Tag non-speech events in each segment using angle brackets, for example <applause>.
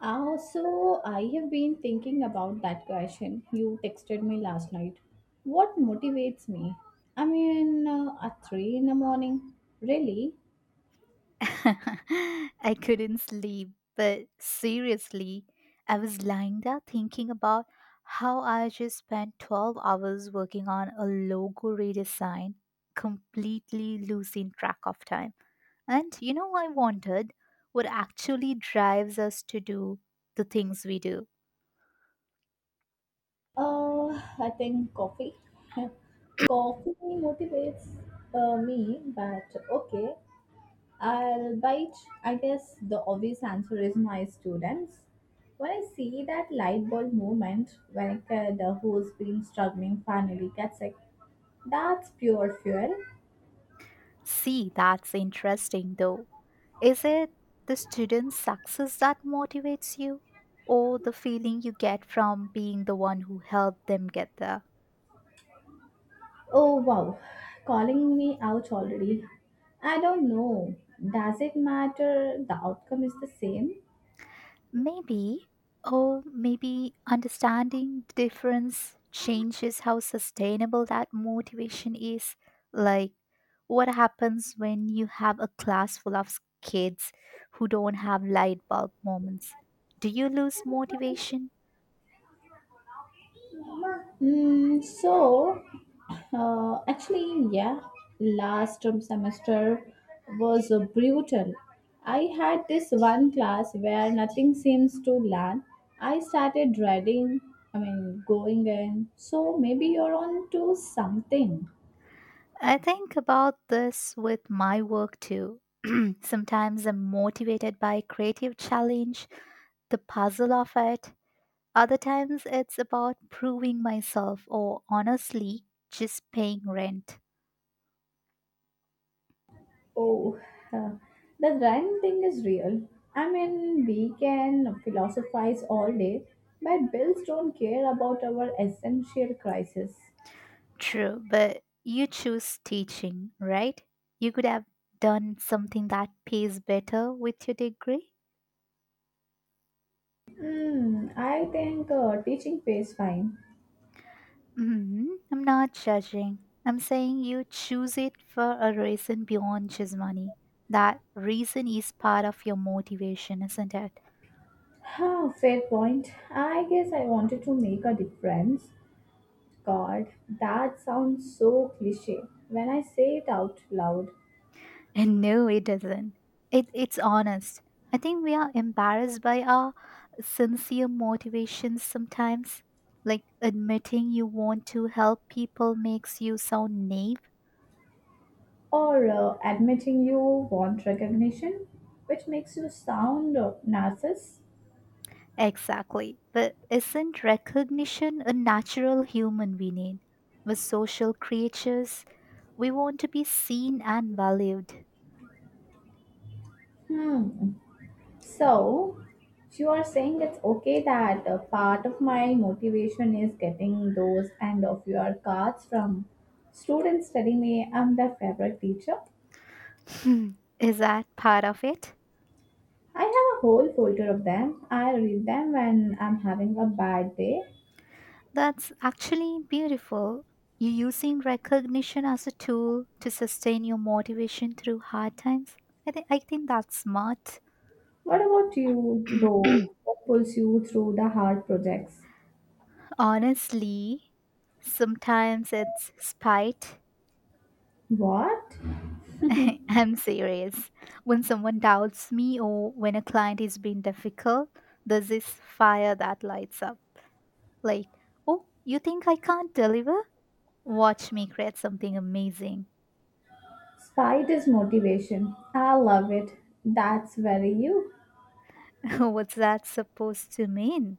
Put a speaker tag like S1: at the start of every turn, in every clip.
S1: So I have been thinking about that question you texted me last night. What motivates me? I mean, at 3 in the morning? Really?
S2: <laughs> I couldn't sleep, but seriously, I was lying there thinking about how I just spent 12 hours working on a logo redesign, completely losing track of time. And you know, I wondered what actually drives us to do the things we do.
S1: Uh, I think coffee. <laughs> Coffee motivates me, but okay, I'll bite. I guess the obvious answer is my students. When I see that light bulb moment, when a kid who's been struggling finally gets it, that's pure fuel.
S2: See, that's interesting though. Is it the student's success that motivates you, or the feeling you get from being the one who helped them get there?
S1: Oh wow, calling me out already. I don't know. Does it matter? The outcome is the same.
S2: Maybe, or maybe understanding the difference changes how sustainable that motivation is. Like, what happens when you have a class full of kids who don't have light bulb moments? Do you lose motivation?
S1: Mm, so, actually, yeah, last term semester was brutal. I had this one class where nothing seems to land. I started dreading, I mean, going in. So maybe you're on to something.
S2: I think about this with my work too. <clears throat> Sometimes I'm motivated by creative challenge, the puzzle of it. Other times it's about proving myself or honestly just paying rent.
S1: Oh, uh, the rhyme thing is real. I mean, we can philosophize all day, but bills don't care about our essential crisis.
S2: True, but you choose teaching, right? You could have done something that pays better with your degree.
S1: Hmm, I think teaching pays fine.
S2: Mhm. I'm not judging. I'm saying you choose it for a reason beyond just money. That reason is part of your motivation, isn't it? <laughs>
S1: Huh, fair point. I guess I wanted to make a difference. God, that sounds so cliche when I say it out loud.
S2: And no, it doesn't. It's honest. I think we are embarrassed by our sincere motivations sometimes. Like admitting you want to help people makes you sound naive.
S1: Or admitting you want recognition, which makes you sound narcissist.
S2: Exactly. But isn't recognition a natural human we need? We're social creatures. We want to be seen and valued.
S1: Hmm, So, you are saying it's okay that part of my motivation is getting those end of your cards from students telling me I'm their favorite teacher.
S2: Hmm, is that part of it?
S1: I have a whole folder of them. I read them when I'm having a bad day.
S2: That's actually beautiful. You using recognition as a tool to sustain your motivation through hard times. I think that's smart.
S1: What about you,
S2: <clears throat>
S1: though? What pulls you through the hard projects?
S2: Honestly, sometimes it's spite.
S1: What?
S2: <laughs> I'm serious. When someone doubts me or when a client is being difficult, there's this fire that lights up. Like, oh, you think I can't deliver? Watch me create something amazing.
S1: Spite is motivation. I love it. That's very you.
S2: <laughs> What's that supposed to mean?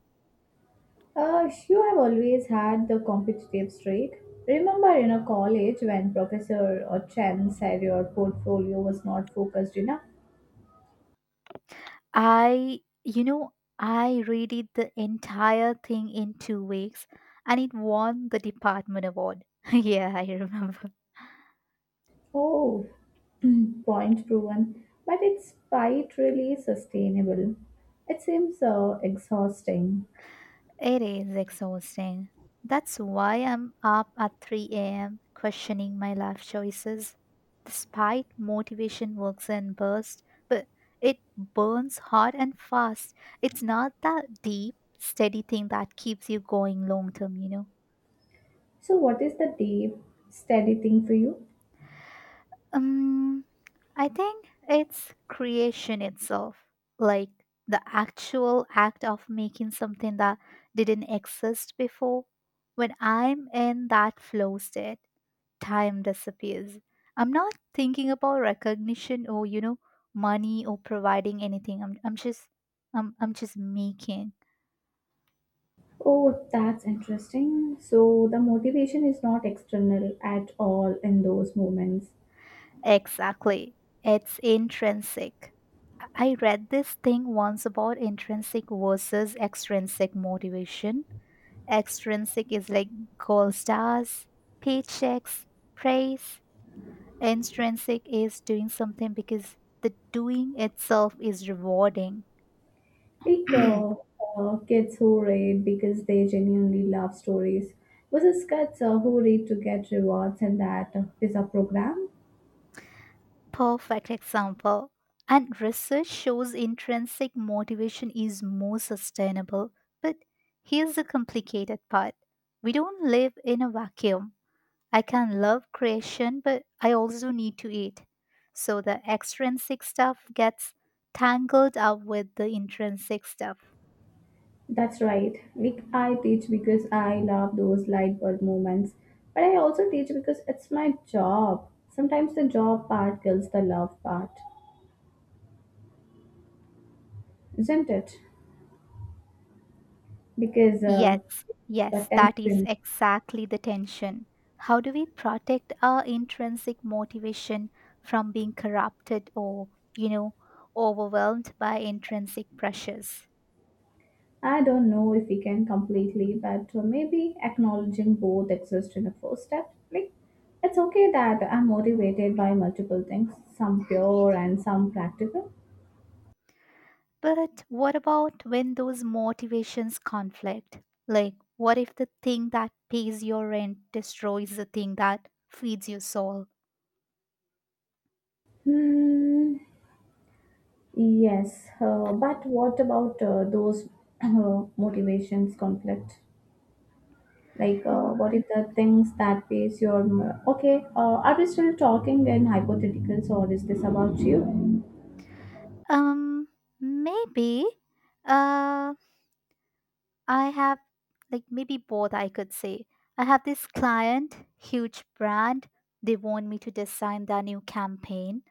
S1: You have always had the competitive streak. Remember in a college when Professor or Chen said your portfolio was not focused enough?
S2: I, you know, I redid the entire thing in 2 weeks and it won the department award. <laughs> Yeah, I remember.
S1: Oh, <clears throat> point proven. But it's quite really sustainable. It seems exhausting.
S2: It is exhausting. That's why I'm up at 3 a.m. questioning my life choices. Despite motivation works and bursts, but it burns hot and fast. It's not that deep, steady thing that keeps you going long term, you know.
S1: So, what is the deep, steady thing for you?
S2: Um, I think it's creation itself, like the actual act of making something that didn't exist before. When I'm in that flow state, time disappears. I'm not thinking about recognition or you know money or providing anything. I'm just making.
S1: Oh, that's interesting. So, the motivation is not external at all in those moments.
S2: Exactly. It's intrinsic. I read this thing once about intrinsic versus extrinsic motivation. Extrinsic is like gold stars, paychecks, praise. Intrinsic is doing something because the doing itself is rewarding.
S1: Like
S2: <clears throat>
S1: uh, uh, kids who read because they genuinely love stories versus kids who read to get rewards, and that is a program.
S2: Perfect example. And research shows intrinsic motivation is more sustainable. But here's the complicated part, we don't live in a vacuum. I can love creation, but I also need to eat. So the extrinsic stuff gets tangled up with the intrinsic stuff.
S1: That's right. Like I teach because I love those light bulb moments, but I also teach because it's my job. Sometimes the job part kills the love part, isn't it? Because
S2: Yes,
S1: the
S2: yes, that is
S1: tension.
S2: exactly the tension. How do we protect our intrinsic motivation from being corrupted or, you know, overwhelmed by intrinsic pressures?
S1: I don't know if we can completely, but maybe acknowledging both exists in the first step. Like, it's okay that I'm motivated by multiple things, some pure and some practical.
S2: But what about when those motivations conflict? Like, what if the thing that pays your rent destroys the thing that feeds your soul?
S1: Hmm. Yes, but what about those <clears throat> motivations conflict? Like,
S2: Mm,
S1: what if the things that pays your m- okay? Are we still talking in hypotheticals, or is this about you?
S2: Um, maybe. Uh, I have like maybe both I could say. I have this client, huge brand. They want me to design their new campaign.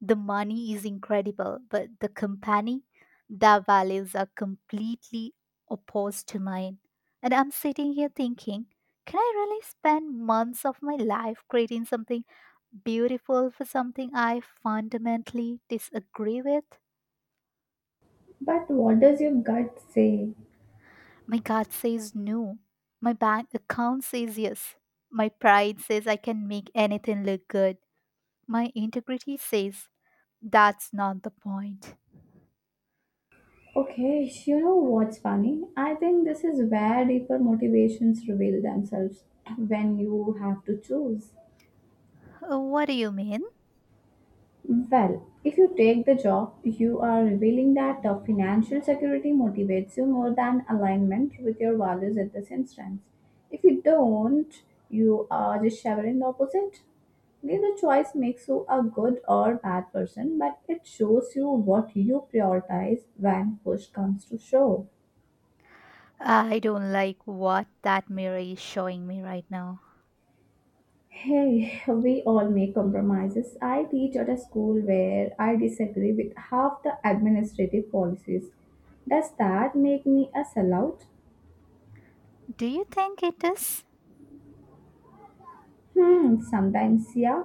S2: The money is incredible, but the company, their values are completely opposed to mine. And I'm sitting here thinking, can I really spend months of my life creating something beautiful for something I fundamentally disagree with?
S1: But what does your gut say?
S2: My gut says no. My bank account says yes. My pride says I can make anything look good. My integrity says that's not the point.
S1: Okay, you know what's funny? I think this is where deeper motivations reveal themselves when you have to choose.
S2: What do you mean?
S1: Well, if you take the job, you are revealing that financial security motivates you more than alignment with your values at this instance. If you don't, you are just shivering the opposite. Neither choice makes you a good or bad person, but it shows you what you prioritize when push comes to shove.
S2: I don't like what that mirror is showing me right now.
S1: Hey, we all make compromises. I teach at a school where I disagree with half the administrative policies. Does that make me a sellout?
S2: Do you think it is?
S1: Hmm, sometimes, yeah.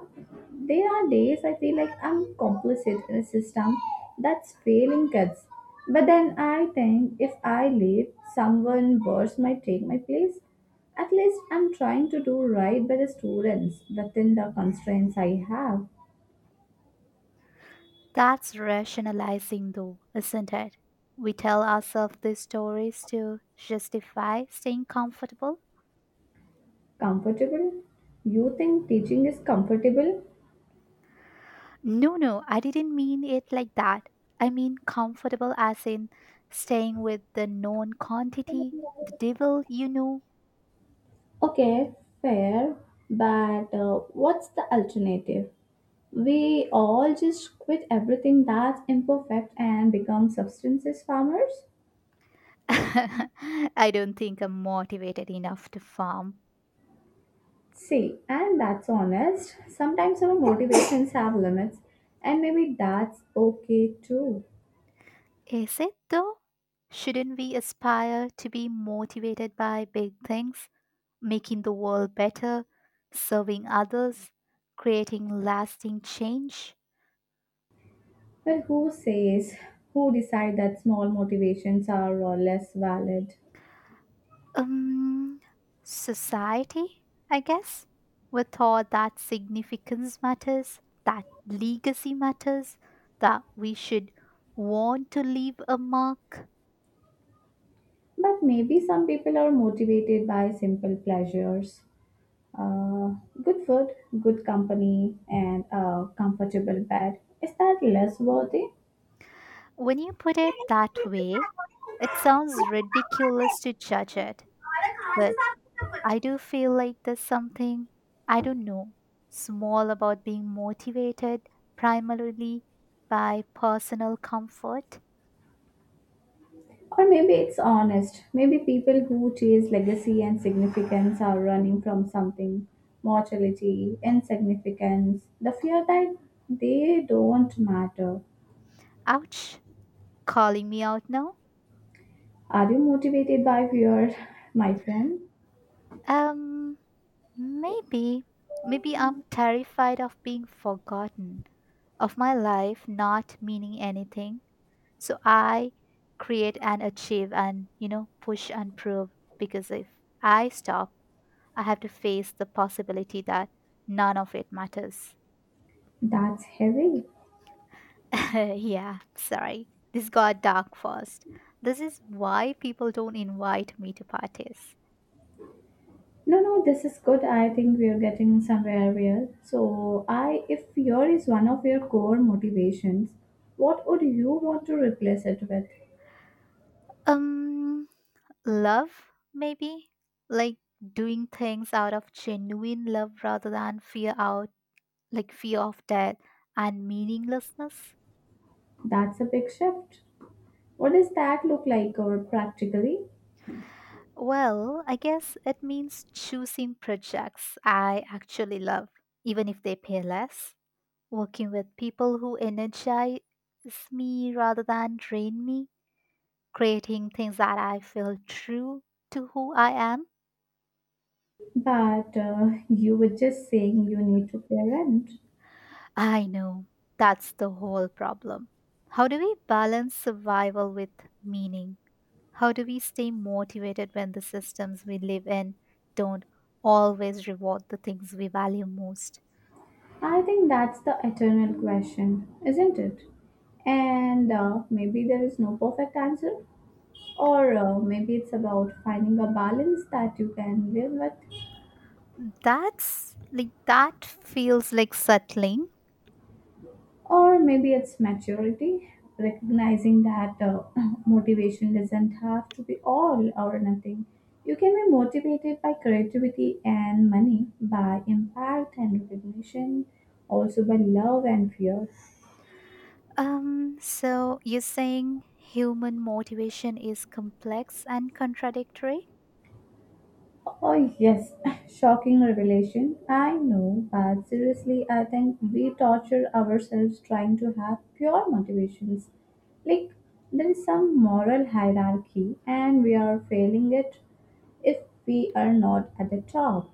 S1: There are days I feel like I'm complicit in a system that's failing kids. But then I think if I leave, someone worse might take my place. At least I'm trying to do right by the students within the constraints I have.
S2: That's rationalizing, though, isn't it? We tell ourselves these stories to justify staying comfortable.
S1: Comfortable? You think teaching is comfortable?
S2: No, no, I didn't mean it like that. I mean comfortable as in staying with the known quantity, the devil, you know.
S1: Okay, fair, but what's the alternative? We all just quit everything that's imperfect and become substances farmers?
S2: <laughs> I don't think I'm motivated enough to farm.
S1: See, and that's honest. Sometimes our motivations have limits, and maybe that's okay too.
S2: Is it though? Shouldn't we aspire to be motivated by big things, making the world better, serving others, creating lasting change?
S1: But who says, who decide that small motivations are less valid?
S2: Um, Society, I guess, were taught that significance matters, that legacy matters, that we should want to leave a mark.
S1: But maybe some people are motivated by simple pleasures. Uh, good food, good company, and a comfortable bed. Is that less worthy?
S2: When you put it that way, it sounds ridiculous to judge it, but I do feel like there's something, I don't know, small about being motivated primarily by personal comfort.
S1: Or maybe it's honest. Maybe people who chase legacy and significance are running from something mortality, insignificance, the fear that they don't matter.
S2: Ouch, calling me out now.
S1: Are you motivated by fear, <laughs> my friend?
S2: Um, Maybe. Maybe I'm terrified of being forgotten, of my life not meaning anything. So I create and achieve and, you know, push and prove because if I stop, I have to face the possibility that none of it matters.
S1: That's heavy.
S2: <laughs> Yeah, sorry. This got dark fast. This is why people don't invite me to parties.
S1: No, no, this is good. I think we are getting somewhere real. So, I, if fear is one of your core motivations, what would you want to replace it with?
S2: Um, Love, maybe? Like doing things out of genuine love rather than fear out like fear of death and meaninglessness.
S1: That's a big shift. What does that look like, or practically?
S2: Well, I guess it means choosing projects I actually love, even if they pay less. Working with people who energize me rather than drain me. Creating things that I feel true to who I am.
S1: But you were just saying you need to pay rent.
S2: I know. That's the whole problem. How do we balance survival with meaning? How do we stay motivated when the systems we live in don't always reward the things we value most?
S1: I think that's the eternal question, isn't it? And maybe there is no perfect answer, or maybe it's about finding a balance that you can live with.
S2: That's like that feels like settling.
S1: Or maybe it's maturity, recognizing that <laughs> <clears throat> motivation doesn't have to be all or nothing. You can be motivated by creativity and money, by impact and recognition, also by love and fear.
S2: So you're saying human motivation is complex and contradictory,
S1: Oh, yes, <laughs> shocking revelation. I know, but seriously, I think we torture ourselves trying to have pure motivations. Like, there is some moral hierarchy, and we are failing it if we are not at the top.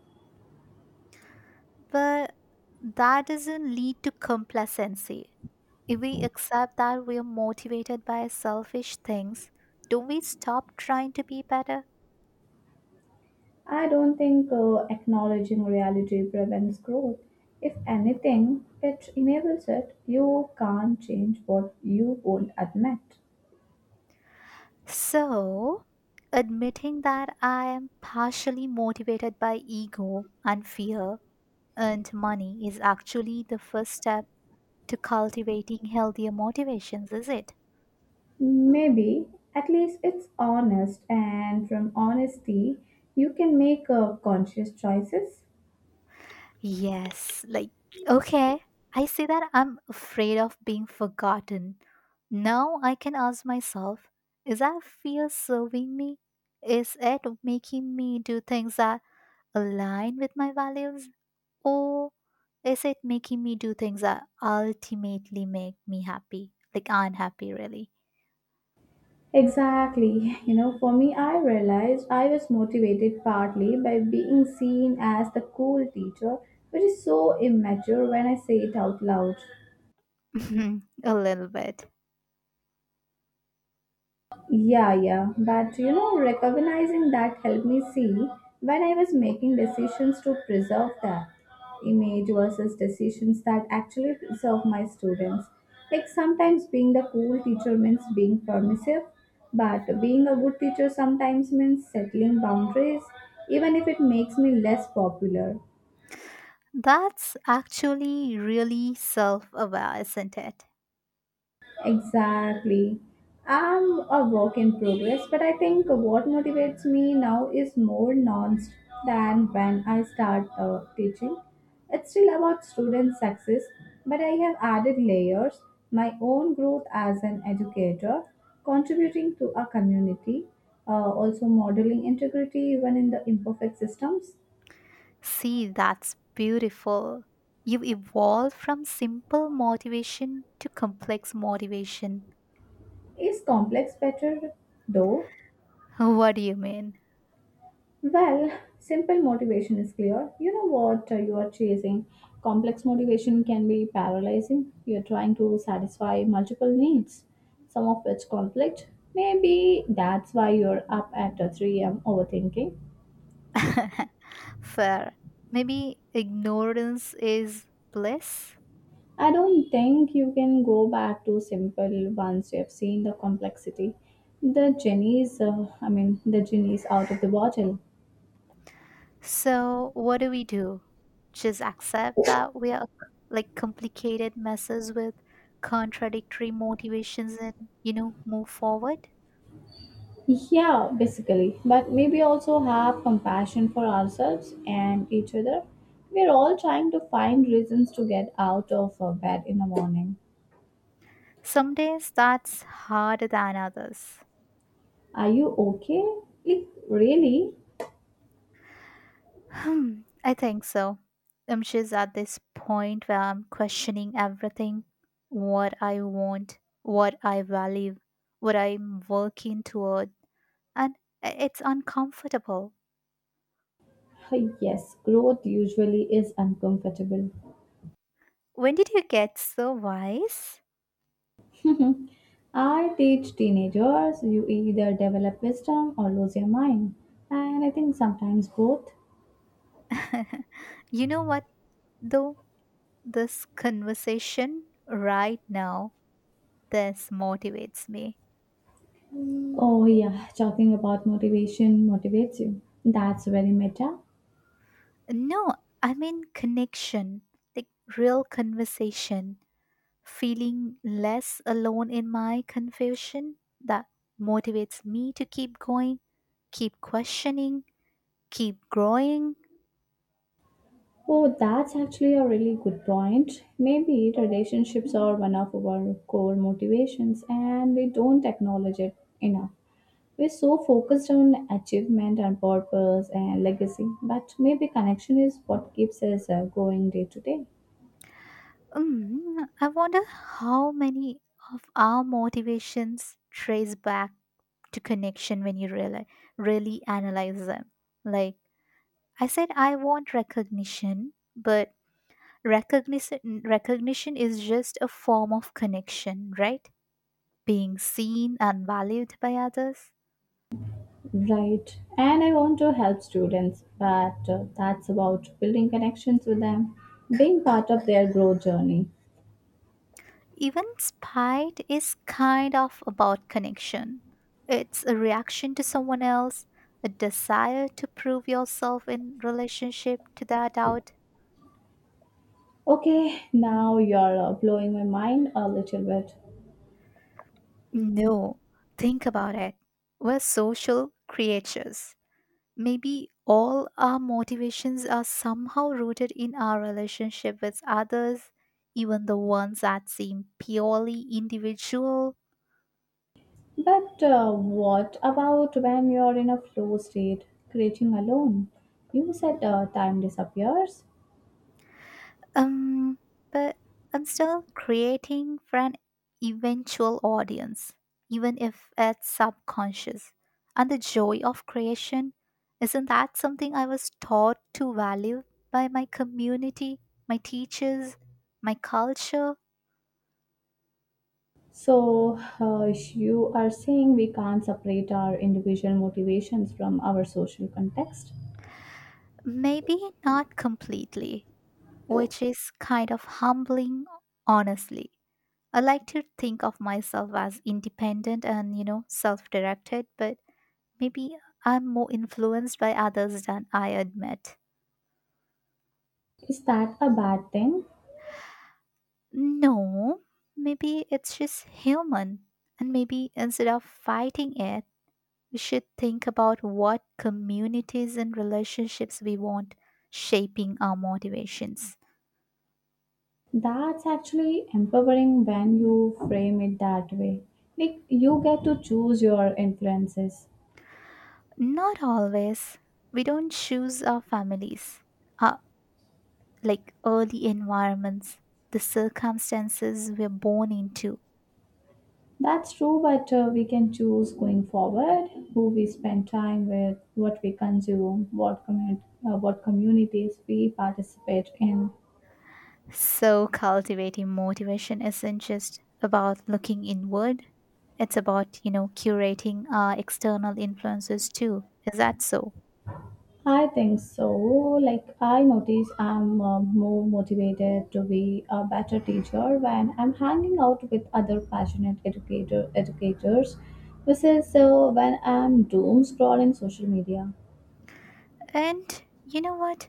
S2: but that doesn't lead to complacency. If we accept that we are motivated by selfish things, don't we stop trying to be better?
S1: I don't think acknowledging reality prevents growth. If anything, it enables it. You can't change what you won't admit.
S2: So, admitting that I am partially motivated by ego and fear and money is actually the first step to cultivating healthier motivations, is it?
S1: Maybe, at least it's honest, and from honesty, you can make conscious choices.
S2: Yes, like, okay, I say that I'm afraid of being forgotten. Now I can ask myself, is that fear serving me? Is it making me do things that align with my values? Or is it making me do things that ultimately make me happy? Like, unhappy, really.
S1: Exactly. <laughs> You know, for me, I realized I was motivated partly by being seen as the cool teacher, which is so immature when I say it out loud.
S2: <laughs> Mhm, a little bit.
S1: Yeah, yeah. But you know, recognizing that helped me see when I was making decisions to preserve that image versus decisions that actually preserve my students. Like sometimes being the cool teacher means being permissive, but being a good teacher sometimes means settling boundaries, even if it makes me less popular.
S2: That's actually really self aware, isn't it?
S1: Exactly. I'm a work in progress, but I think what motivates me now is more nuanced than when I start teaching. It's still about student success, but I have added layers my own growth as an educator, contributing to a community, also modeling integrity even in the imperfect systems.
S2: See, that's beautiful. You evolved from simple motivation to complex motivation.
S1: Is complex better though?
S2: <laughs> What do you mean?
S1: Well, simple motivation is clear. You know what you are chasing. Complex motivation can be paralyzing. You're trying to satisfy multiple needs, some of which conflict. Maybe that's why you're up at 3 a.m. overthinking.
S2: <laughs> Fair. Maybe ignorance is bliss.
S1: I don't think you can go back to simple once you have seen the complexity. The genie's, I mean, the genie's out of the bottle.
S2: So, what do we do? Just accept that we are like complicated messes with contradictory motivations and, you know, move forward?
S1: Yeah, basically. But maybe also have compassion for ourselves and each other. We're all trying to find reasons to get out of bed in the morning.
S2: Some days that's harder than others.
S1: Are you okay? Like, really?
S2: Hmm, I think so. She's at this point where I'm questioning everything, what I want, what I value, what I'm working toward, and it's uncomfortable.
S1: <laughs> Yes, growth usually is uncomfortable.
S2: When did you get so wise?
S1: <laughs> I teach teenagers you either develop wisdom or lose your mind. And I think sometimes both.
S2: <laughs> You know what, though? This conversation right now, this motivates me.
S1: Oh, yeah, talking about motivation motivates you. That's very meta.
S2: No, I mean connection, like real conversation. Feeling less alone in my confusion that motivates me to keep going, keep questioning, keep growing.
S1: Oh, that's actually a really good point. Maybe relationships are one of our core motivations and we don't acknowledge it enough. We're so focused on achievement and purpose and legacy, but maybe connection is what keeps us going day to day.
S2: Mm, I wonder how many of our motivations trace back to connection when you really, really analyze them. Like I said, I want recognition, but recognition is just a form of connection, right? Being seen and valued by others.
S1: Right. And I want to help students, but that's about building connections with them, being part of their growth journey.
S2: Even spite is kind of about connection. It's a reaction to someone else, a desire to prove yourself in relationship to their doubt.
S1: Okay, now you're blowing my mind a little bit.
S2: No, think about it. We're social creatures. Maybe all our motivations are somehow rooted in our relationship with others, even the ones that seem purely individual.
S1: But what about when you're in a flow state, creating alone? You said time disappears.
S2: Um, but I'm still creating for an eventual audience, even if it's subconscious. And the joy of creation, isn't that something I was taught to value by my community, my teachers, my culture?
S1: So you are saying we can't separate our individual motivations from our social context.
S2: Maybe not completely, which is kind of humbling, honestly. I like to think of myself as independent and, you know, self directed, but maybe I'm more influenced by others than I admit.
S1: Is that a bad thing?
S2: No, maybe it's just human. And maybe instead of fighting it, we should think about what communities and relationships we want shaping our motivations.
S1: That's actually empowering when you frame it that way. Like you get to choose your influences.
S2: Not always. We don't choose our families, our, like early environments, the circumstances we're born into.
S1: That's true, but we can choose going forward who we spend time with, what we consume, what communities we participate in.
S2: So, cultivating motivation isn't just about looking inward, it's about, you know, curating our external influences too. Is that so?
S1: I think so. Like I notice, I'm more motivated to be a better teacher when I'm hanging out with other passionate educators, versus when I'm doom scrolling social media.
S2: And you know what?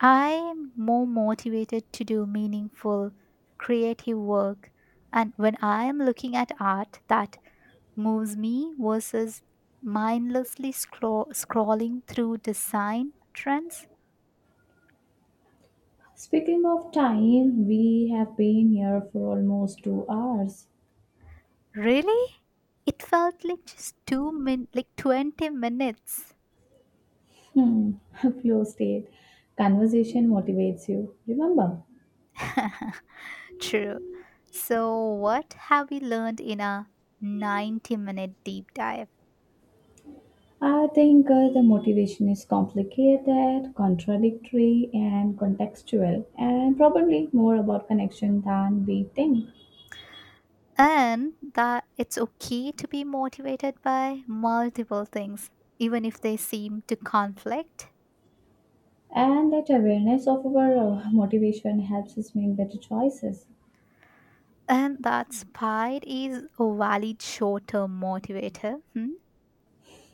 S2: I'm more motivated to do meaningful, creative work. And when I'm looking at art that moves me versus mindlessly scrolling through design trends.
S1: Speaking of time, we have been here for almost 2 hours.
S2: Really? It felt like just two min like 20 minutes.
S1: Hmm, <laughs> flow state. Conversation motivates you. Remember,
S2: <laughs> True. So what have we learned in our 90-minute deep dive?
S1: I think the motivation is complicated, contradictory, and contextual, and probably more about connection than we think.
S2: And that it's okay to be motivated by multiple things, even if they seem to conflict.
S1: And that awareness of our motivation helps us make better choices.
S2: And that pride is a valid short term motivator, hmm?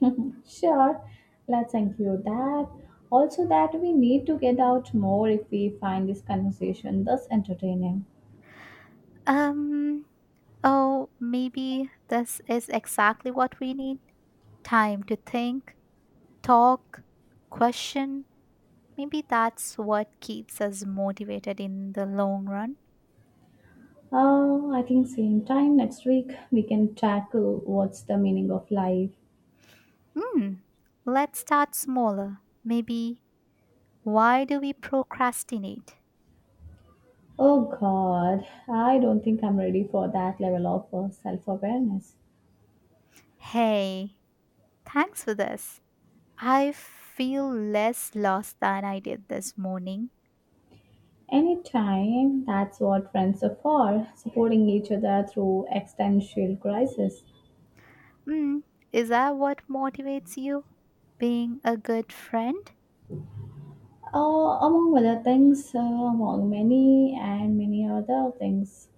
S1: <laughs> sure, let's include that. Also, that we need to get out more if we find this conversation thus entertaining.
S2: Um, oh, maybe this is exactly what we need, time to think, talk, question. Maybe that's what keeps us motivated in the long run.
S1: I think same time next week we can tackle what's the meaning of life.
S2: Hmm, let's start smaller. Maybe why do we procrastinate?
S1: Oh God, I don't think I'm ready for that level of self-awareness.
S2: Hey, thanks for this. I feel less lost than I did this morning.
S1: Anytime, that's what friends are for, supporting each other through existential crisis.
S2: Hmm, is that what motivates you? Being a good friend?
S1: Uh, among other things, among many and many other things.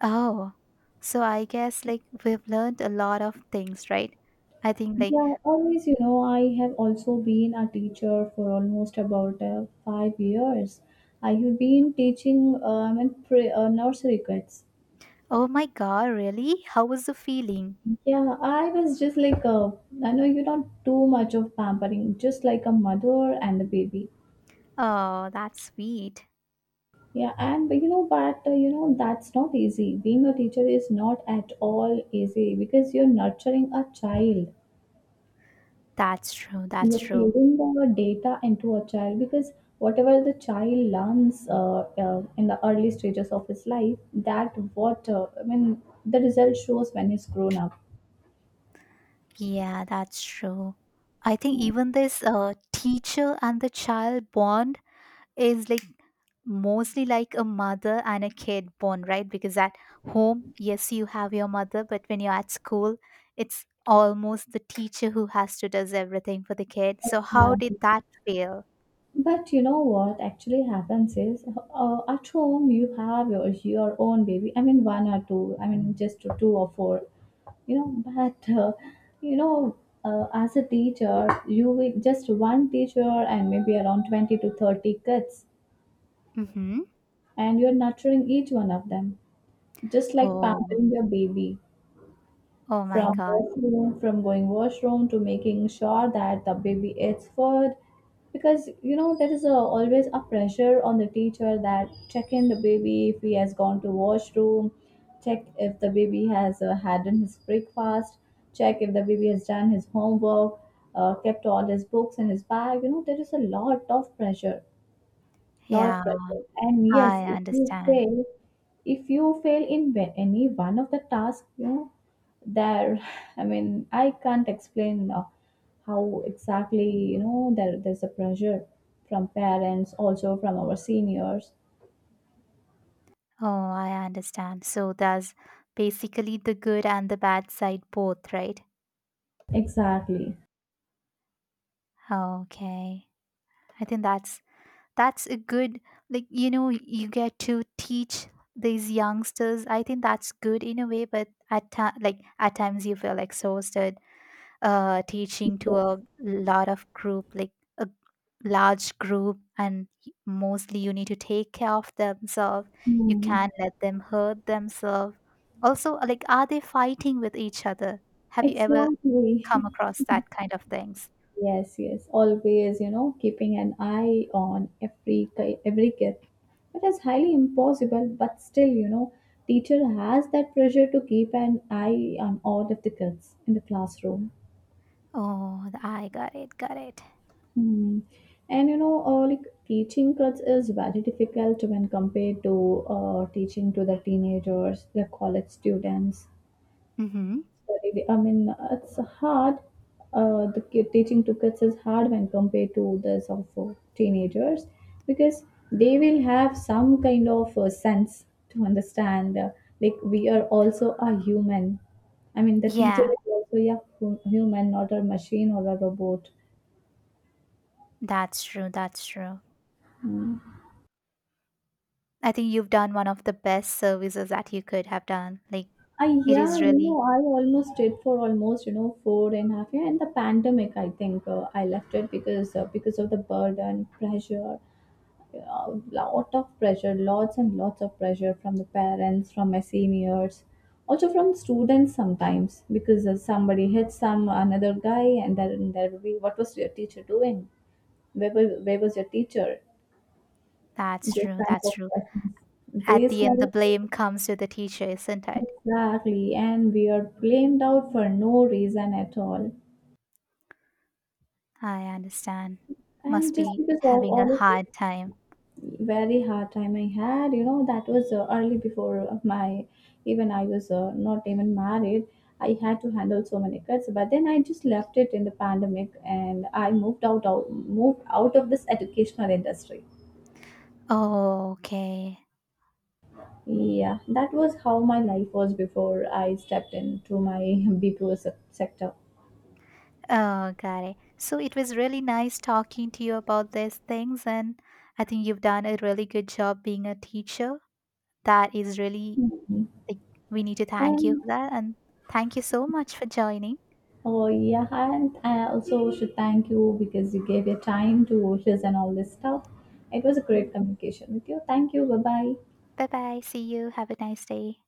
S2: Oh, so I guess like we've learned a lot of things, right? I think like,
S1: Yeah, always, you know, I have also been a teacher for almost about 5 years. I have been teaching and pre nursery kids.
S2: oh my god, really? How was the feeling?
S1: Yeah, I was just like, I know you're not too much of pampering, just like a mother and a baby.
S2: Oh, that's sweet.
S1: Yeah, and but you know, but you know, that's not easy. Being a teacher is not at all easy because you're nurturing a child.
S2: That's true. That's
S1: You're
S2: true.
S1: feeding the data into a child, because whatever the child learns in the early stages of his life, that what I mean the result shows when he's grown up.
S2: Yeah, that's true. I think even this teacher and the child bond is like mostly like a mother and a kid bond, right? Because at home, yes, you have your mother, but when you're at school, it's almost the teacher who has to does everything for the kid. So how did
S1: Exactly.
S2: that feel?
S1: But you know what actually happens is, at home you have your own baby. I mean one or two. I mean just two or four. You know, but you know as a teacher you will just one teacher and maybe around 20 to 30 kids.
S2: Mm-hmm.
S1: And you're nurturing each one of them, just like
S2: Oh,
S1: pampering your baby.
S2: oh my
S1: From
S2: god.
S1: washroom, from going washroom to making sure that the baby eats food, because you know there is always a pressure on the teacher that check in the baby if he has gone to washroom, check if the baby has had in his breakfast, check if the baby has done his homework, kept all his books in his bag. You know there is a lot of pressure, lot of
S2: Yeah,
S1: pressure. And yes,
S2: I understand.
S1: if you fail in any one of the tasks, you know, there, <laughs> <sighs> I mean, I can't explain how exactly, there's a pressure from parents, also from our seniors.
S2: Oh, I understand. So that's basically the good and the bad side both, right?
S1: Exactly.
S2: Okay. I think that's a good like you know you get to teach these youngsters. I think that's good in a way, but at like at times you feel exhausted teaching to
S1: Yes.
S2: a lot of group, like a large group, and mostly you need to take care of themselves. You
S1: Hmm.
S2: can't let them hurt themselves. Also, like, are they fighting with each other? Have you ever
S1: Exactly.
S2: come
S1: <laughs>
S2: across that kind of things?
S1: Yes, yes, always, keeping an eye on every kid. It is highly impossible, but still, teacher has that pressure to keep an eye on all of the kids in the classroom.
S2: Oh, I got it, got it.
S1: Hmm. And like teaching kids is very difficult when compared to teaching to the teenagers, the college students.
S2: Mm-hmm.
S1: I mean, it's hard. The kid, teaching to kids is hard when compared to this of teenagers, because they will have some kind of sense to understand. Like we are also a human. I mean, the teacher
S2: Yeah,
S1: is also yeah human, not a machine or a robot.
S2: that's true, that's true. I think you've done one of the best services that you could have done. Like,
S1: I
S2: it
S1: yeah,
S2: is
S1: you
S2: really,
S1: know, I almost did for almost you know four and a half year, and the pandemic. I think I left it because because of the burden, pressure, a lot of pressure, lots and lots of pressure from the parents, from my seniors, also from students sometimes because somebody hits some another guy and then there will be what was your teacher doing? Where was your teacher?
S2: that's
S1: Those
S2: true,
S1: kind
S2: that's
S1: of
S2: true.
S1: questions.
S2: At
S1: These
S2: the end,
S1: kind
S2: the
S1: of
S2: blame comes to the teacher, isn't it?
S1: exactly, and we are blamed out for no reason at all,
S2: I understand.
S1: and
S2: Must
S1: just
S2: be
S1: because all
S2: having
S1: all
S2: a hard
S1: of
S2: time.
S1: very hard time I had. You know, that was early before my even I was not even married. I had to handle so many kids, but then I just left it in the pandemic and I moved out of this educational industry.
S2: Oh, okay.
S1: Yeah, that was how my life was before I stepped into my <laughs> BPO sector.
S2: Oh, got it. So it was really nice talking to you about these things, and I think you've done a really good job being a teacher. That is really
S1: Mhm.
S2: like we need to thank you
S1: And
S2: for that, and thank you so much for joining.
S1: oh yeah, and I also should thank you because you gave your time to wishes and all this stuff. It was a great communication with you. Thank you. Bye bye.
S2: Bye bye. See you. Have a nice day.